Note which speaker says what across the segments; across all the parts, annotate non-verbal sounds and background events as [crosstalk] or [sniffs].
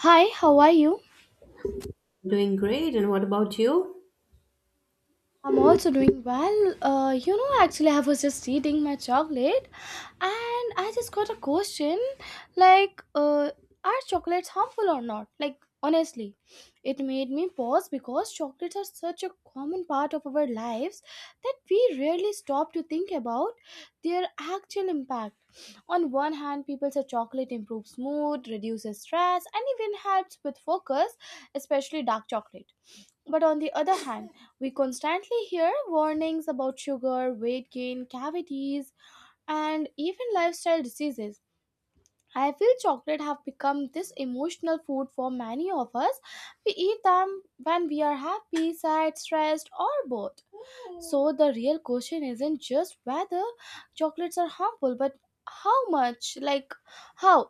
Speaker 1: Hi, how are you?
Speaker 2: Doing great, and what about you?
Speaker 1: I'm also doing well. Actually, I was just eating my chocolate and I just got a question like, uh, are chocolates harmful or not? Like, honestly, it made me pause because chocolates are such a common part of our lives that we rarely stop to think about their actual impact. On one hand, people say chocolate improves mood, reduces stress, and even helps with focus, especially dark chocolate. But on the other hand, we constantly hear warnings about sugar, weight gain, cavities, and even lifestyle diseases. I feel chocolate have become this emotional food for many of us. We eat them when we are happy, sad, stressed, or both. So the real question isn't just whether chocolates are harmful, but how much, like how,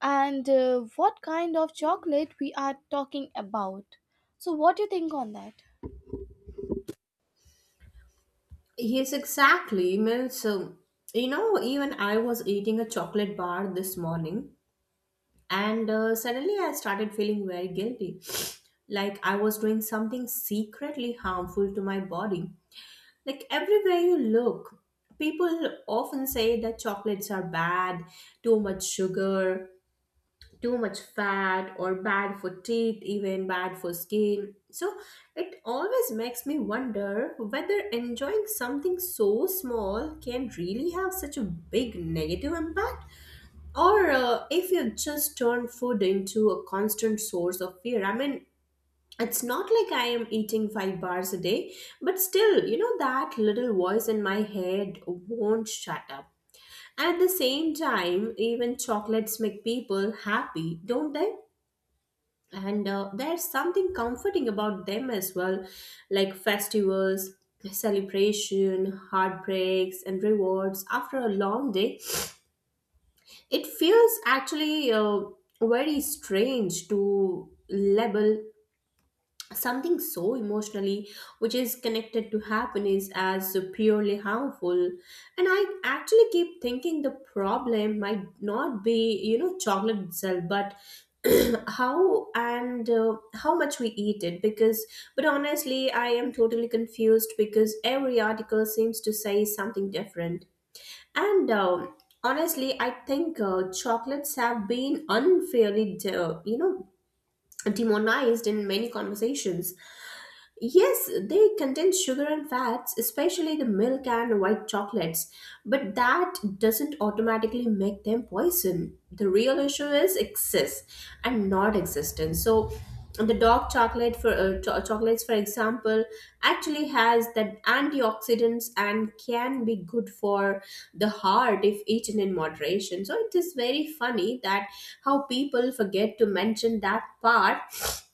Speaker 1: and what kind of chocolate we are talking about. So what do you think on that?
Speaker 2: Yes, exactly. Means, even I was eating a chocolate bar this morning, and suddenly I started feeling very guilty. [sniffs] Like I was doing something secretly harmful to my body. Like everywhere you look, people often say that chocolates are bad, too much sugar, too much fat or bad for teeth, even bad for skin. So it always makes me wonder whether enjoying something so small can really have such a big negative impact or if you just turn food into a constant source of fear. I mean, it's not like I am eating five bars a day, but still, you know, that little voice in my head won't shut up. And at the same time, even chocolates make people happy, don't they? And there's something comforting about them as well, like festivals, celebration, heartbreaks, and rewards after a long day. It feels actually very strange to label something so emotionally, which is connected to happiness, as purely harmful. And I actually keep thinking the problem might not be, you know, chocolate itself, but [clears throat] how and how much we eat it. Because, but honestly, I am totally confused because every article seems to say something different. And honestly, I think chocolates have been unfairly demonized in many conversations. Yes, they contain sugar and fats, especially the milk and white chocolates, but that doesn't automatically make them poison. The real issue is excess and not existence. So, the dark chocolate for chocolates, for example, actually has that antioxidants and can be good for the heart if eaten in moderation. So it is very funny that how people forget to mention that part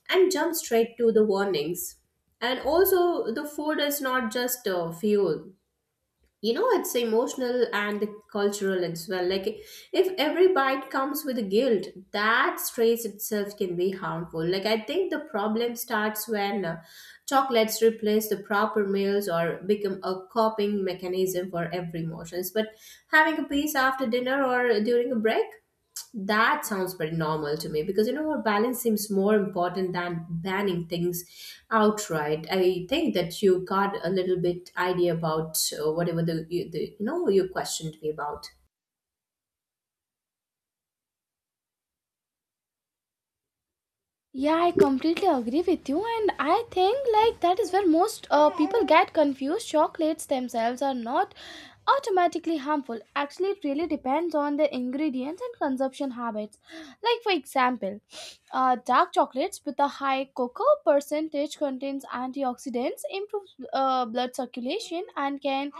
Speaker 2: and jump straight to the warnings. And also, the food is not just fuel. You know, it's emotional and cultural as well. Like, if every bite comes with guilt, that stress itself can be harmful. Like, I think the problem starts when chocolates replace the proper meals or become a coping mechanism for every emotions. But having a piece after dinner or during a break, that sounds very normal to me. Because, you know what, balance seems more important than banning things outright. I think that you got a little bit idea about whatever the you know, you questioned me about.
Speaker 1: Yeah, I completely agree with you, and I think like that is where most people get confused. Chocolates themselves are not automatically harmful, actually. It really depends on the ingredients and consumption habits, like for example dark chocolates with a high cocoa percentage contains antioxidants, improves blood circulation, and can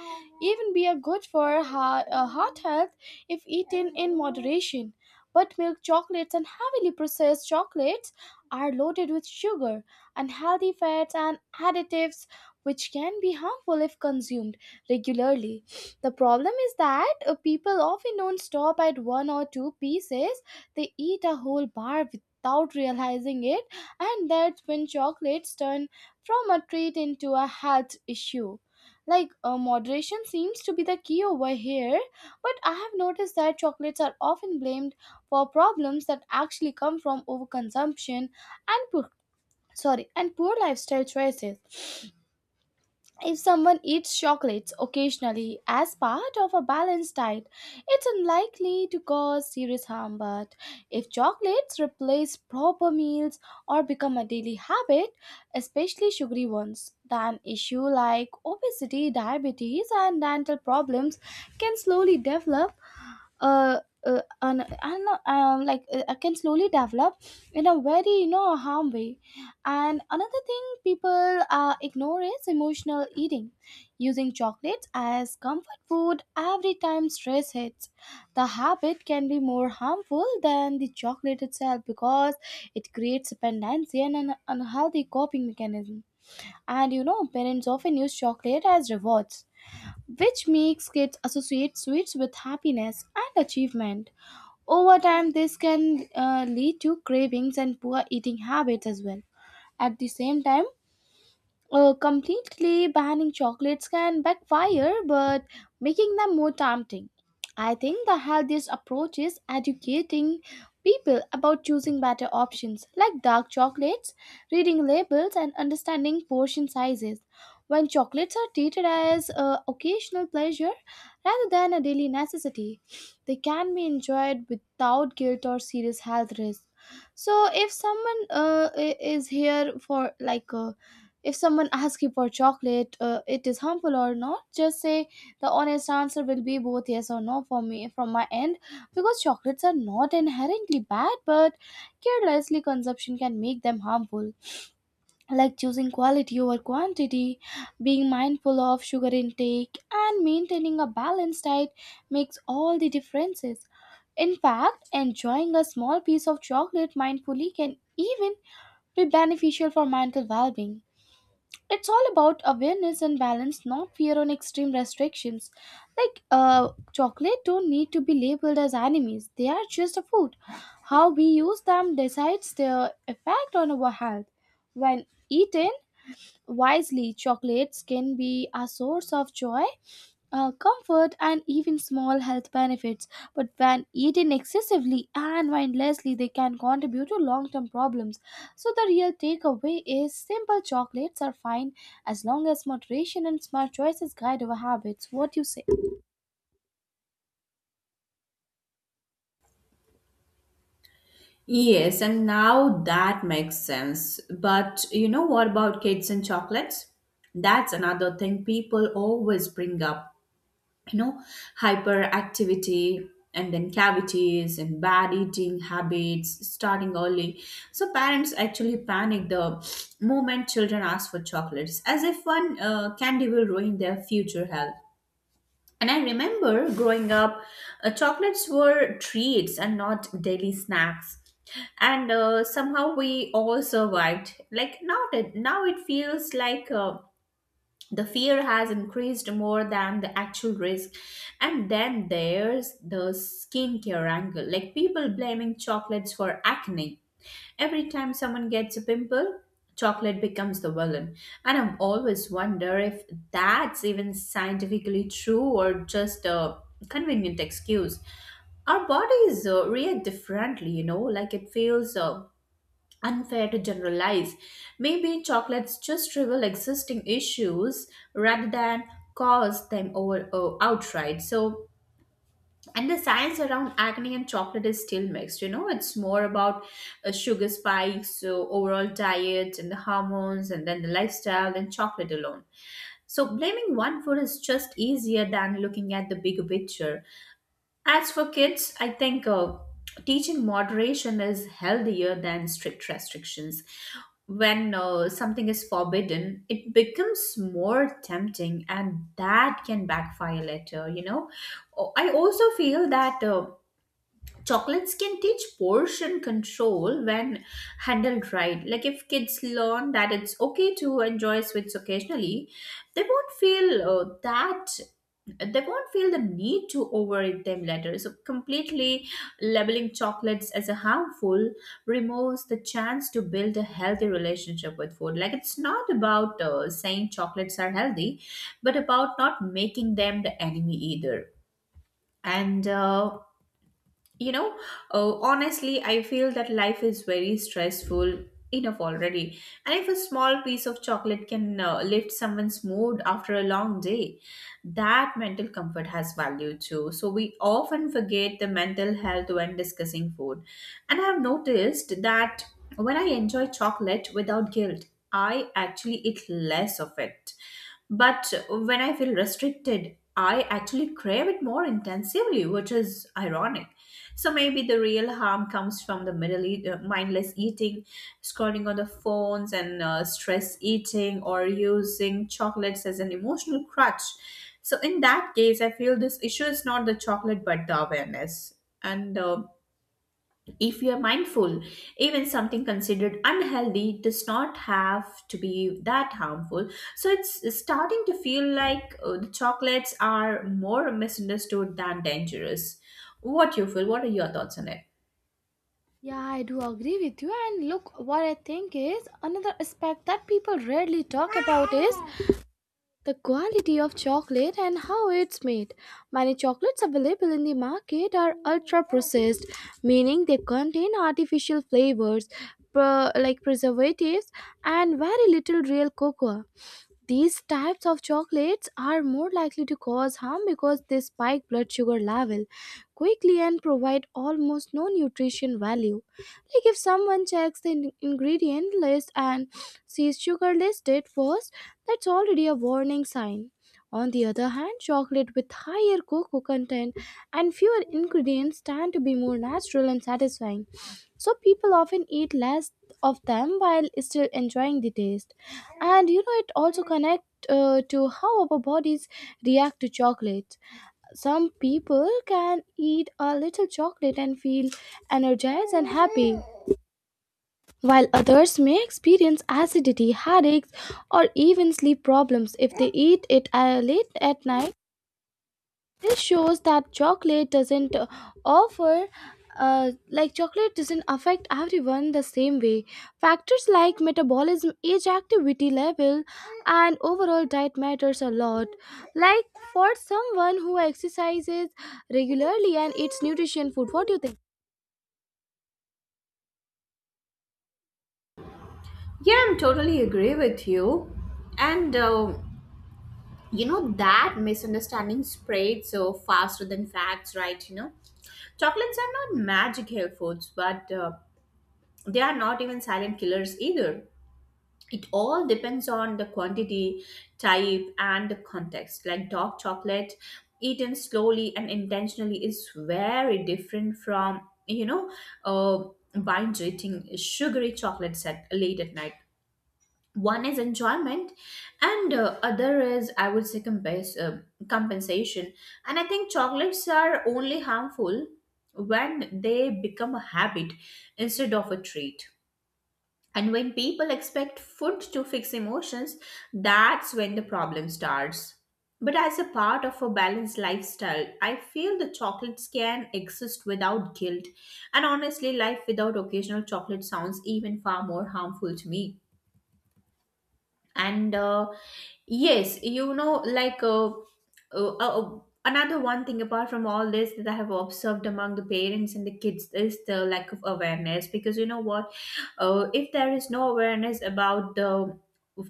Speaker 1: even be a good for heart health if eaten in moderation. But milk chocolates and heavily processed chocolates are loaded with sugar, unhealthy fats, and additives, which can be harmful if consumed regularly. The problem is that people often don't stop at one or two pieces. They eat a whole bar without realizing it, and that's when chocolates turn from a treat into a health issue. Like, moderation seems to be the key over here, but I have noticed that chocolates are often blamed for problems that actually come from overconsumption and poor, sorry, and poor lifestyle choices. If someone eats chocolates occasionally as part of a balanced diet, it's unlikely to cause serious harm. But if chocolates replace proper meals or become a daily habit, especially sugary ones, then issues like obesity, diabetes, and dental problems can slowly develop. Uh, and I like Can slowly develop in a very, you know, harm way. And another thing people ignore is emotional eating, using chocolates as comfort food every time stress hits. The habit can be more harmful than the chocolate itself because it creates dependency and an unhealthy coping mechanism. And you know, parents often use chocolate as rewards, which makes kids associate sweets with happiness and achievement. Over time, this can lead to cravings and poor eating habits as well. At the same time, completely banning chocolates can backfire, but making them more tempting. I think the healthiest approach is educating people about choosing better options like dark chocolates, reading labels, and understanding portion sizes. When chocolates are treated as occasional pleasure rather than a daily necessity, they can be enjoyed without guilt or serious health risks. So, if someone I- is here for like a if someone asks you for chocolate, it is harmful or not, just say the honest answer will be both yes or no for me from my end, because chocolates are not inherently bad, but carelessly consumption can make them harmful. Like choosing quality over quantity, being mindful of sugar intake, and maintaining a balanced diet makes all the differences. In fact, enjoying a small piece of chocolate mindfully can even be beneficial for mental well being. It's all about awareness and balance, not fear on extreme restrictions. like uh, Chocolate don't need to be labeled as enemies, they are just a food. How we use them decides their effect on our health. When eaten wisely, chocolates can be a source of joy, comfort, and even small health benefits. But when eaten excessively and mindlessly, they can contribute to long term problems. So, the real takeaway is simple, chocolates are fine as long as moderation and smart choices guide our habits. What do you say?
Speaker 2: Yes, and now that makes sense. But you know what about kids and chocolates? That's another thing people always bring up. You know, hyperactivity, and then cavities, and bad eating habits starting early. So parents actually panic the moment children ask for chocolates, as if one candy will ruin their future health. And I remember growing up, chocolates were treats and not daily snacks. And somehow we all survived. Like, now it feels like the fear has increased more than the actual risk. And then there's the skincare angle, like people blaming chocolates for acne. Every time someone gets a pimple, chocolate becomes the villain. And I'm always wonder if that's even scientifically true, or just a convenient excuse. Our bodies react differently, you know, like it feels unfair to generalize. Maybe chocolates just reveal existing issues rather than cause them over outright. So, and the science around acne and chocolate is still mixed. You know, it's more about sugar spikes, so overall diet, and the hormones, and then the lifestyle, than chocolate alone. So, blaming one food is just easier than looking at the bigger picture. As for kids, I think teaching moderation is healthier than strict restrictions. When something is forbidden, it becomes more tempting, and that can backfire later, you know. Oh, I also feel that. Chocolates can teach portion control when handled right. Like, if kids learn that it's okay to enjoy sweets occasionally, they won't feel the need to overeat them later. So, completely labeling chocolates as a harmful removes the chance to build a healthy relationship with food. Like, it's not about saying chocolates are healthy, but about not making them the enemy either. And you know, honestly, I feel that life is very stressful enough already. And if a small piece of chocolate can lift someone's mood after a long day, that mental comfort has value too. So we often forget the mental health when discussing food. And I have noticed that when I enjoy chocolate without guilt, I actually eat less of it. But when I feel restricted, I actually crave it more intensively, which is ironic. So maybe the real harm comes from the mindless eating, scrolling on the phones, and stress eating, or using chocolates as an emotional crutch. So in that case, I feel this issue is not the chocolate but the awareness. And if you are mindful, even something considered unhealthy does not have to be that harmful. So it's starting to feel like the chocolates are more misunderstood than dangerous. What you feel? What are your thoughts on it?
Speaker 1: Yeah, I do agree with you. And look, what I think is another aspect that people rarely talk about is the quality of chocolate and how it's made. Many chocolates available in the market are ultra processed, meaning they contain artificial flavors, preservatives, and very little real cocoa. These types of chocolates are more likely to cause harm because they spike blood sugar level quickly and provide almost no nutrition value. Like if someone checks the ingredient list and sees sugar listed first, that's already a warning sign. On the other hand, chocolate with higher cocoa content and fewer ingredients tend to be more natural and satisfying, so people often eat less of them while still enjoying the taste. And you know, it also connects to how our bodies react to chocolate. Some people can eat a little chocolate and feel energized and happy, while others may experience acidity, headaches, or even sleep problems if they eat it late at night. This shows that chocolate doesn't offer like chocolate doesn't affect everyone the same way. Factors like metabolism, age, activity level, and overall diet matters a lot. Like for someone who exercises regularly and eats nutrition food, what do you think?
Speaker 2: Yeah, I'm totally agree with you. And you know that misunderstanding spread so faster than facts, right? You know, chocolates are not magic health foods, but they are not even silent killers either. It all depends on the quantity, type, and the context. Like dark chocolate eaten slowly and intentionally is very different from, you know, uh, binge eating sugary chocolates at late at night. One is enjoyment, and other is, I would say, compensation. And I think chocolates are only harmful when they become a habit instead of a treat, and when people expect food to fix emotions, that's when the problem starts. But as a part of a balanced lifestyle, I feel the chocolates can exist without guilt. And honestly, life without occasional chocolate sounds even far more harmful to me. And yes you know like uh, uh, uh, another one thing apart from all this that I have observed among the parents and the kids is the lack of awareness. Because you know what, if there is no awareness about the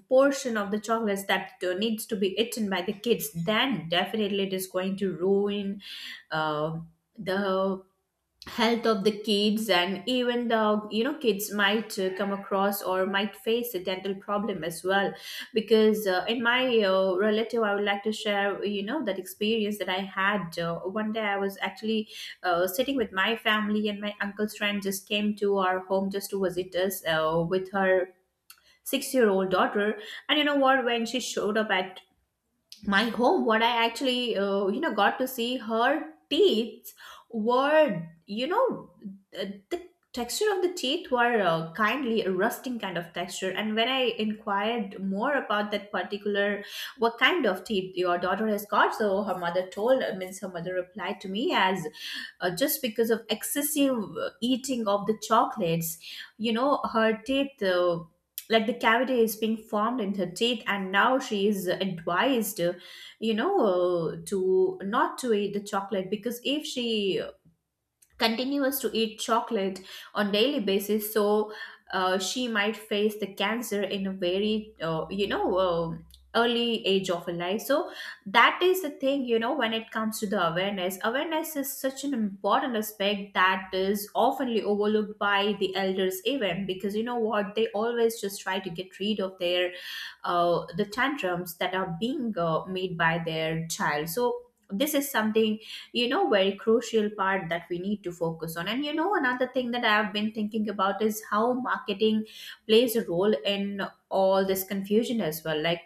Speaker 2: portion of the chocolates that needs to be eaten by the kids, then definitely it is going to ruin uh, the health of the kids. And even the, you know, kids might come across or might face a dental problem as well. Because in my relative, I would like to share, you know, that experience that I had. One day I was actually sitting with my family, and my uncle's friend just came to our home just to visit us with her 6-year-old old daughter. And you know what, when she showed up at my home, what I actually, you know, got to see, her teeth were, you know, the texture of the teeth were kindly a rusting kind of texture. And when I inquired more about that particular, what kind of teeth your daughter has got, so her mother told, means her mother replied to me as, just because of excessive eating of the chocolates, you know, her teeth like the cavity is being formed in her teeth. And now she is advised to not to eat the chocolate, because if she continues to eat chocolate on daily basis, so she might face the cancer in a very early age of her life. So that is the thing, you know, when it comes to the awareness, awareness is such an important aspect that is oftenly overlooked by the elders even. Because you know what, they always just try to get rid of their the tantrums that are being made by their child. So this is something, you know, very crucial part that we need to focus on. And you know, another thing that I have been thinking about is how marketing plays a role in all this confusion as well. Like,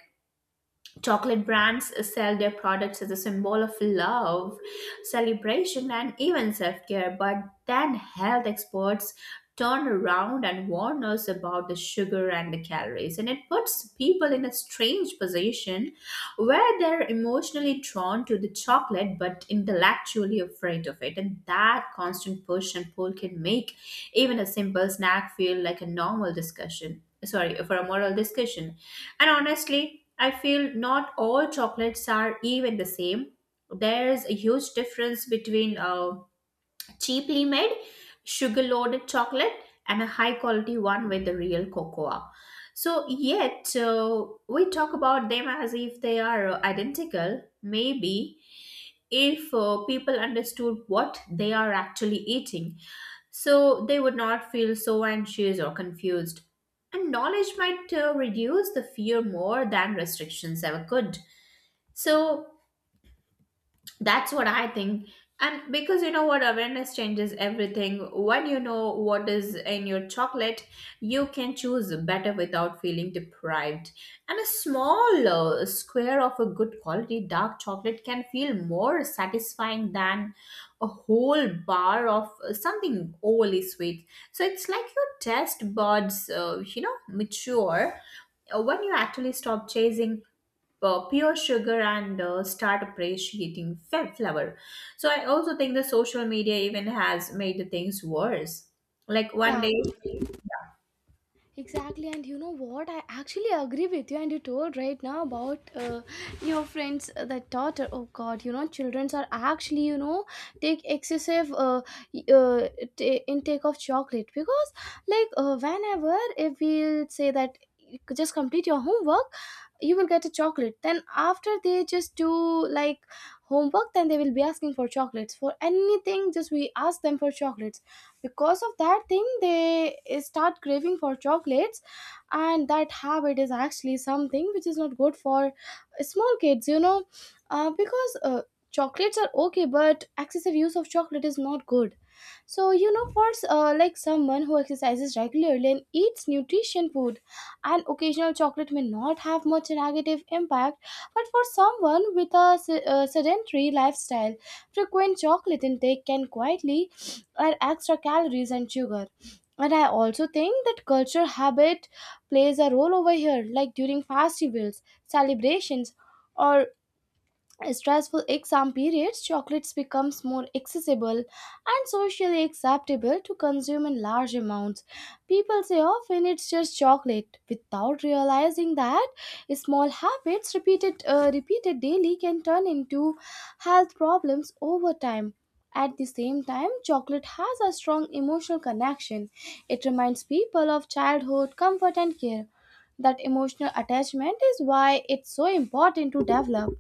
Speaker 2: chocolate brands sell their products as a symbol of love, celebration, and even self care, but then health experts turn around and warn us about the sugar and the calories. And it puts people in a strange position where they're emotionally drawn to the chocolate but intellectually afraid of it. And that constant push and pull can make even a simple snack feel like a normal discussion. Sorry, for a moral discussion. And honestly, I feel not all chocolates are even the same. There's a huge difference between a cheaply made, sugar loaded chocolate and a high quality one with the real cocoa. So, yet we talk about them as if they are identical. Maybe if people understood what they are actually eating, so they would not feel so anxious or confused. And knowledge might reduce the fear more than restrictions ever could. So, that's what I think. And because you know what, awareness changes everything. When you know what is in your chocolate, you can choose better without feeling deprived. And a small square of a good quality dark chocolate can feel more satisfying than a whole bar of something overly sweet. So it's like your taste buds, mature when you actually stop chasing pure sugar and start appreciating flour. So I also think the social media even has made the things worse. Like one
Speaker 1: Yeah.
Speaker 2: day,
Speaker 1: Exactly, and you know what? I actually agree with you. And you told right now about your friends that daughter. Oh God, you know, childrens are actually, you know, take excessive y- uh intake of chocolate because whenever if we say that you could just complete your homework you will get a chocolate, then after they just do like homework, then they will be asking for chocolates for anything, just we ask them for chocolates. Because of that thing they start craving for chocolates, and that habit is actually something which is not good for small kids, you know. Because chocolates are okay, but excessive use of chocolate is not good. So you know, for like someone who exercises regularly and eats nutrition food, an occasional chocolate may not have much negative impact. But for someone with a sedentary lifestyle, frequent chocolate intake can quietly add extra calories and sugar. And I also think that culture habit plays a role over here, like during festivals, celebrations, or stressful exam periods, chocolates becomes more accessible and socially acceptable to consume in large amounts. People say often it's just chocolate without realizing that small habits repeated daily can turn into health problems over time. At the same time, chocolate has a strong emotional connection. It reminds people of childhood comfort and care. That emotional attachment is why it's so important to develop.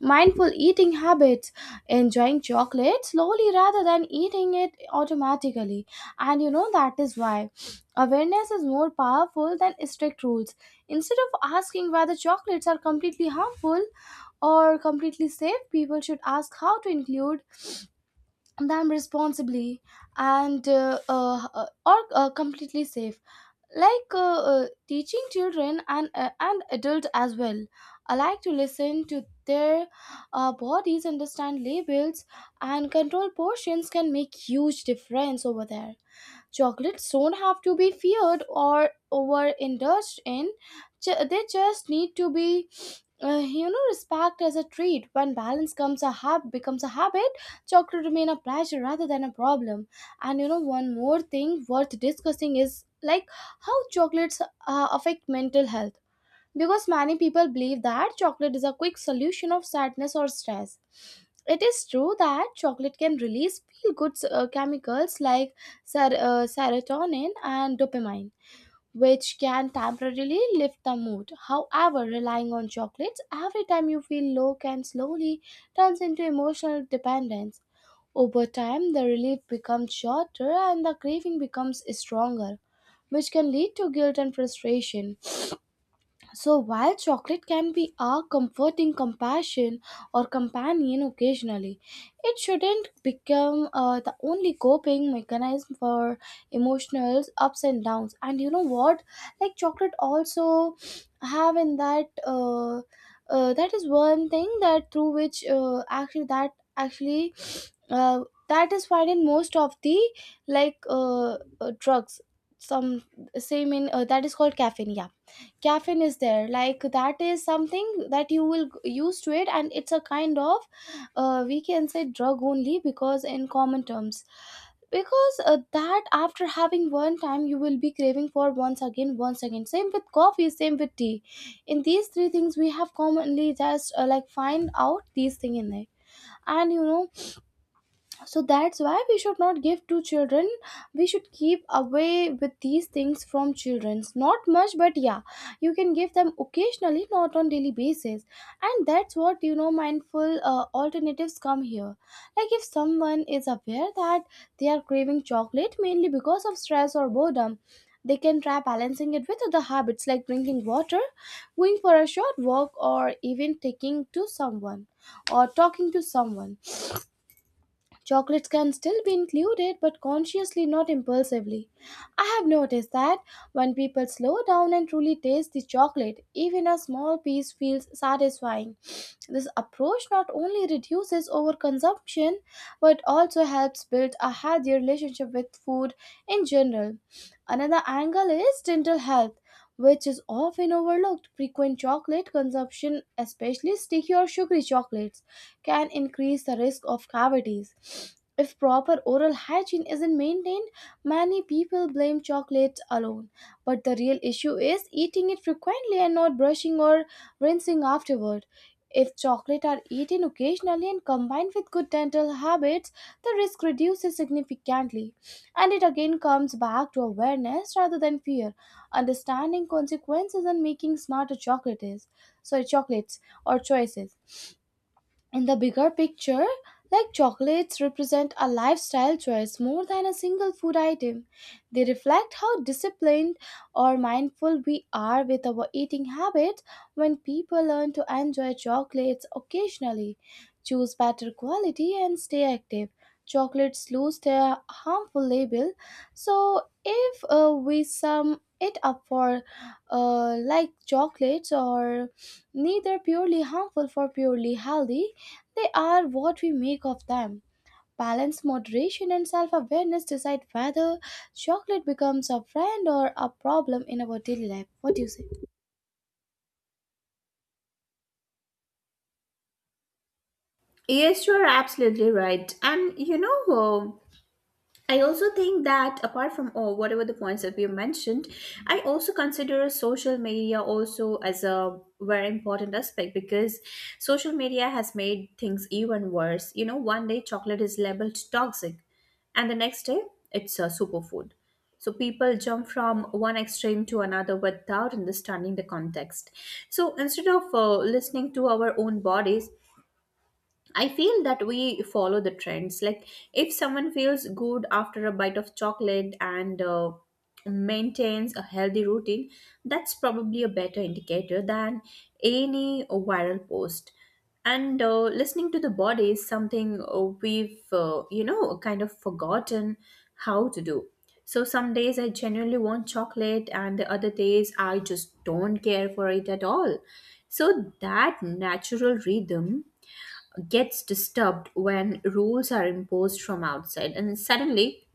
Speaker 1: Mindful eating habits, enjoying chocolate slowly rather than eating it automatically. And you know that is why awareness is more powerful than strict rules. Instead of asking whether chocolates are completely harmful or completely safe, people should ask how to include them responsibly and or completely safe like teaching children and adults as well, I like to listen to their bodies, understand labels, and control portions can make huge difference over there. Chocolates don't have to be feared or overindulged in. They just need to be, you know, respect as a treat. When balance comes becomes a habit, chocolate remain a pleasure rather than a problem. And you know, one more thing worth discussing is like how chocolates affect mental health, because many people believe that chocolate is a quick solution of sadness or stress. It is true that chocolate can release feel good chemicals like serotonin and dopamine, which can temporarily lift the mood. However, relying on chocolates every time you feel low can slowly turn into emotional dependence. Over time, the relief becomes shorter and the craving becomes stronger, which can lead to guilt and frustration. So while chocolate can be a comforting compassion or companion occasionally, it shouldn't become the only coping mechanism for emotional ups and downs. And you know what? Like chocolate also have in that is one thing that through which actually that is found in most of the drugs. Some same in that is called caffeine. Yeah, caffeine is there, like that is something that you will use to it, and it's a kind of we can say drug only because in common terms, because that after having one time you will be craving for once again, once again, same with coffee, same with tea. In these three things we have commonly just like find out these thing in it. And you know, so that's why we should not give to children. We should keep away with these things from children's, not much, but yeah, you can give them occasionally, not on daily basis. And that's what, you know, mindful alternatives come here. Like if someone is aware that they are craving chocolate mainly because of stress or boredom, they can try balancing it with other habits like drinking water, going for a short walk, or even taking to someone, or talking to someone. Chocolates can still be included, but consciously, not impulsively. I have noticed that when people slow down and truly taste the chocolate, even a small piece feels satisfying. This approach not only reduces overconsumption but also helps build a healthier relationship with food in general. Another angle is dental health, which is often overlooked. Frequent chocolate consumption, especially sticky or sugary chocolates, can increase the risk of cavities. If proper oral hygiene isn't maintained, many people blame chocolate alone. But the real issue is eating it frequently and not brushing or rinsing afterward. If chocolate are eaten occasionally and combined with good dental habits, the risk reduces significantly. And it again comes back to awareness rather than fear, understanding consequences and making smarter chocolates, sorry, chocolates or choices. In the bigger picture, like chocolates represent a lifestyle choice more than a single food item. They reflect how disciplined or mindful we are with our eating habits. When people learn to enjoy chocolates occasionally, choose better quality, and stay active, chocolates lose their harmful label. So if we sum it up, for like chocolates or neither purely harmful for purely healthy, they are what we make of them. Balance, moderation, and self awareness decide whether chocolate becomes a friend or a problem in our daily life. What do you say?
Speaker 2: yes, you are absolutely right. And you know, uh, I also think that apart from all whatever the points that we mentioned, I also consider social media also as a very important aspect, because social media has made things even worse. You know, one day chocolate is labeled toxic, and the next day it's a superfood. So people jump from one extreme to another without understanding the context. So instead of listening to our own bodies, I feel that we follow the trends. Like if someone feels good after a bite of chocolate and maintains a healthy routine, that's probably a better indicator than any viral post. And listening to the body is something we've you know, kind of forgotten how to do. So some days I genuinely want chocolate, and the other days I just don't care for it at all. So that natural rhythm gets disturbed when rules are imposed from outside, and suddenly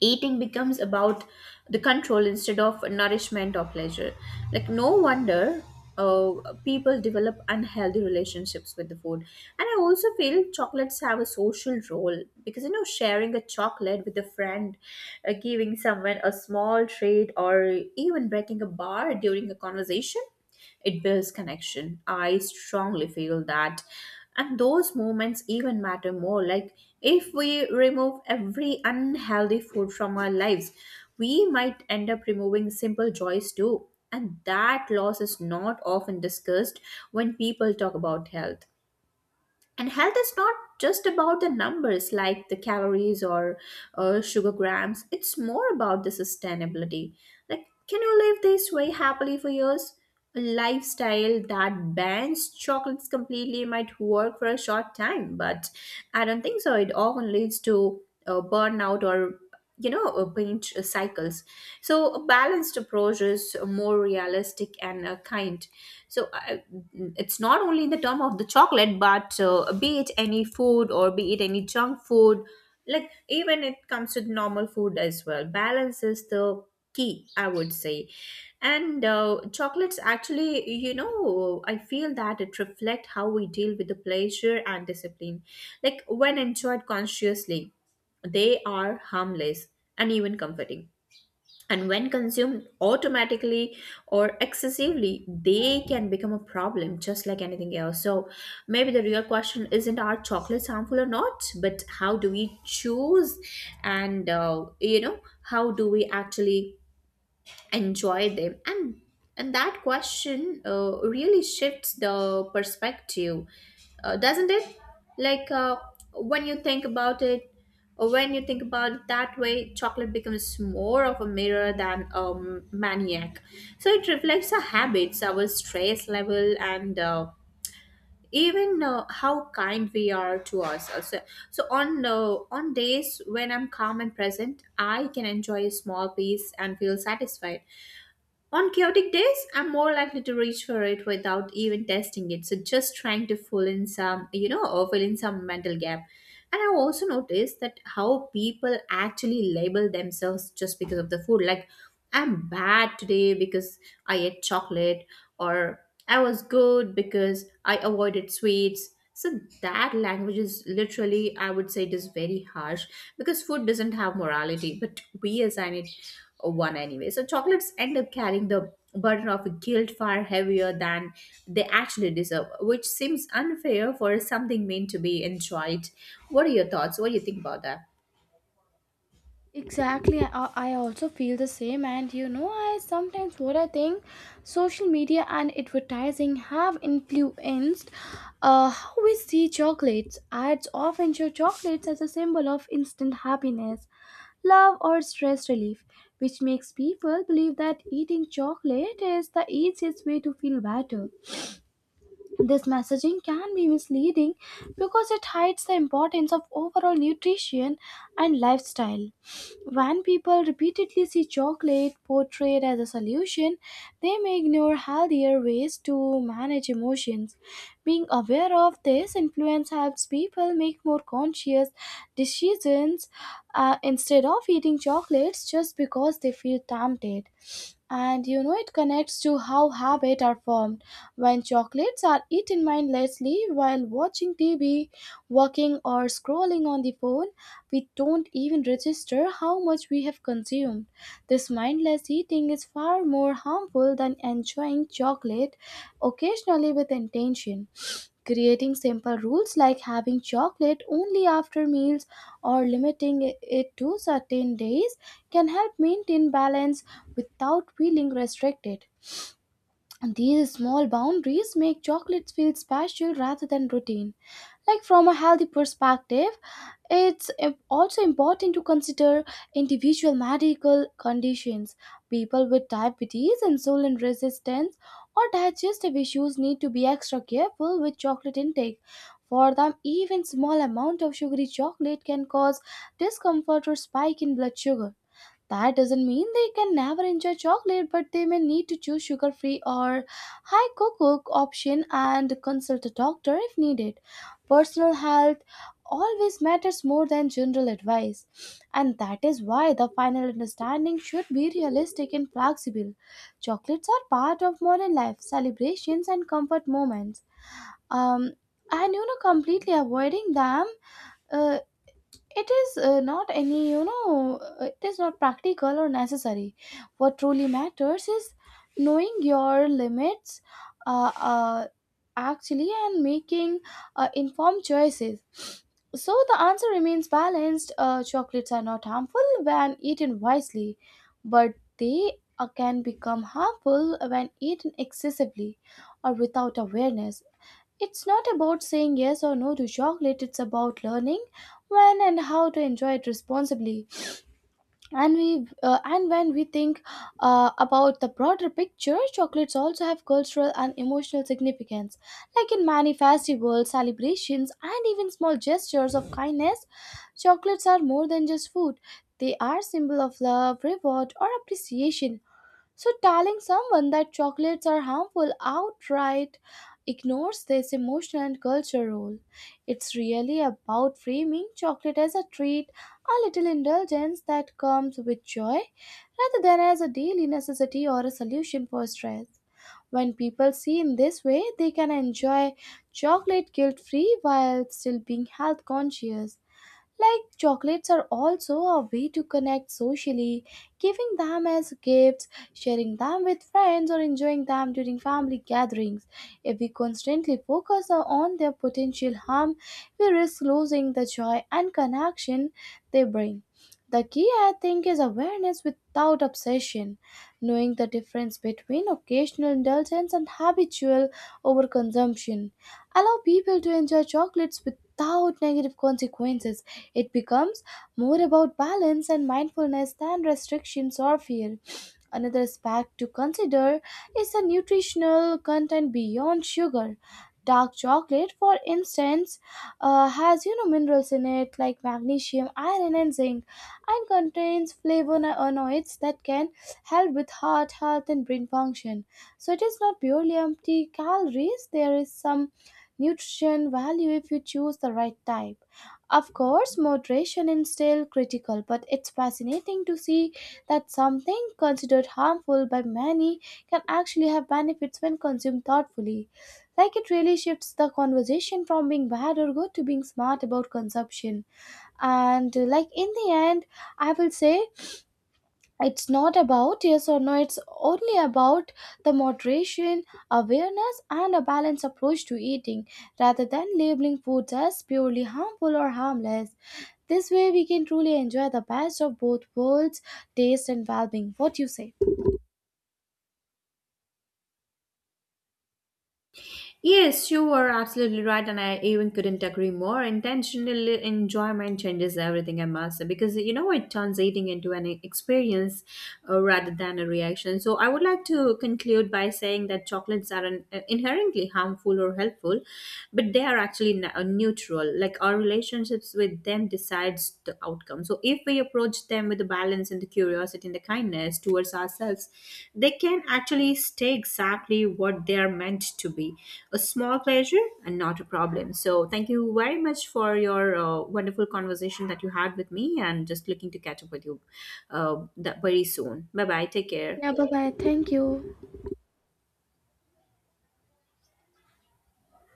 Speaker 2: eating becomes about the control instead of nourishment or pleasure. Like, no wonder people develop unhealthy relationships with the food. And I also feel chocolates have a social role, because you know, sharing a chocolate with a friend, giving someone a small treat, or even breaking a bar during a conversation, it builds connection. I strongly feel that. And those moments even matter more. Like, if we remove every unhealthy food from our lives, we might end up removing simple joys too. And that loss is not often discussed when people talk about health. And health is not just about the numbers, like the calories or sugar grams. It's more about the sustainability. Like, can you live this way happily for years? A lifestyle that bans chocolates completely might work for a short time, but I don't think so. It often leads to burnout or you know, paint cycles. So, a balanced approach is more realistic and kind. So I, it's not only in the term of the chocolate, but be it any food or be it any junk food. Like, even it comes to normal food as well. Balance is the key, I would say. And chocolates actually, you know, I feel that it reflect how we deal with the pleasure and discipline. Like, when enjoyed consciously, they are harmless and even comforting, and when consumed automatically or excessively, they can become a problem just like anything else. So maybe the real question isn't are chocolates harmful or not, but how do we choose and you know, how do we actually enjoy them. And that question really shifts the perspective, doesn't it? Like uh, when you think about it, that way, chocolate becomes more of a mirror than a maniac. So it reflects our habits, our stress level, and even how kind we are to ourselves. So, on days when I'm calm and present, I can enjoy a small piece and feel satisfied. On chaotic days, I'm more likely to reach for it without even testing it. So just trying to fill in some, mental gap. And I also noticed that how people actually label themselves just because of the food. Like, I'm bad today because I ate chocolate, or I was good because I avoided sweets. So that language is literally, I would say, it is very harsh, because food doesn't have morality, but we assign it one anyway. So chocolates end up carrying the burden of guilt far heavier than they actually deserve, which seems unfair for something meant to be enjoyed. What are your thoughts? What do you think about that?
Speaker 1: Exactly, I also feel the same, and you know, I sometimes what I think, social media and advertising have influenced how we see chocolates. Ads often show chocolates as a symbol of instant happiness, love, or stress relief, which makes people believe that eating chocolate is the easiest way to feel better. This messaging can be misleading because it hides the importance of overall nutrition and lifestyle. When people repeatedly see chocolate portrayed as a solution, they may ignore healthier ways to manage emotions. Being aware of this influence helps people make more conscious decisions instead of eating chocolates just because they feel tempted. And you know, it connects to how habits are formed. When chocolates are eaten mindlessly while watching TV, working, or scrolling on the phone, we don't even register how much we have consumed. This mindless eating is far more harmful than enjoying chocolate occasionally with intention. Creating simple rules like having chocolate only after meals or limiting it to certain days can help maintain balance without feeling restricted. And these small boundaries make chocolates feel special rather than routine. Like from a healthy perspective, also important to consider individual medical conditions. People with diabetes, insulin resistance, or digestive issues need to be extra careful with chocolate intake. For them, even small amount of sugary chocolate can cause discomfort or spike in blood sugar. That doesn't mean they can never enjoy chocolate, but they may need to choose sugar free or high cocoa option and consult a doctor if needed. Personal health always matters more than general advice, and that is why the final understanding should be realistic and flexible. Chocolates are part of modern life, celebrations, and comfort moments. Um, and you know, completely avoiding them, uh, it is, not any, you know, it is not practical or necessary. What truly matters is knowing your limits, uh, uh, actually, and making informed choices. So the answer remains balanced. Chocolates are not harmful when eaten wisely, but they can become harmful when eaten excessively or without awareness. It's not about saying yes or no to chocolate, it's about learning when and how to enjoy it responsibly. And when we think about the broader picture, chocolates also have cultural and emotional significance. Like in many festivals, celebrations, and even small gestures of kindness, chocolates are more than just food. They are symbol of love, reward, or appreciation. So, telling someone that chocolates are harmful outright ignores this emotional and cultural role. It's really about framing chocolate as a treat, a little indulgence that comes with joy, rather than as a daily necessity or a solution for stress. When people see in this way, they can enjoy chocolate guilt free while still being health conscious. Like chocolates are also a way to connect socially, giving them as gifts, sharing them with friends, or enjoying them during family gatherings. If we constantly focus on their potential harm, we risk losing the joy and connection they bring. The key, I think, is awareness without obsession, knowing the difference between occasional indulgence and habitual overconsumption. Allow people to enjoy chocolates without negative consequences, it becomes more about balance and mindfulness than restrictions or fear. Another aspect to consider is the nutritional content beyond sugar. Dark chocolate, for instance, has, you know, minerals in it like magnesium, iron, and zinc, and contains flavonoids that can help with heart health and brain function. So it is not purely empty calories. There is some nutrition value if you choose the right type. Of course, moderation is still critical, but it's fascinating to see that something considered harmful by many can actually have benefits when consumed thoughtfully. Like it really shifts the conversation from being bad or good to being smart about consumption. And like in the end, I will say it's not about yes or no, it's only about the moderation, awareness, and a balanced approach to eating rather than labeling foods as purely harmful or harmless. This way, we can truly enjoy the best of both worlds, taste and well being. What you say?
Speaker 2: Yes, you were absolutely right, and I even couldn't agree more. Intentional enjoyment changes everything, I must say, because you know it turns eating into an experience rather than a reaction. So, I would like to conclude by saying that chocolates are an, inherently harmful or helpful, but they are actually neutral. Like, our relationships with them decides the outcome. So if we approach them with the balance and the curiosity and the kindness towards ourselves, they can actually stay exactly what they are meant to be, a small pleasure and not a problem. So thank you very much for your wonderful conversation that you had with me, and just looking to catch up with you that very soon. Bye bye. Take care.
Speaker 1: Yeah, bye bye. Thank you.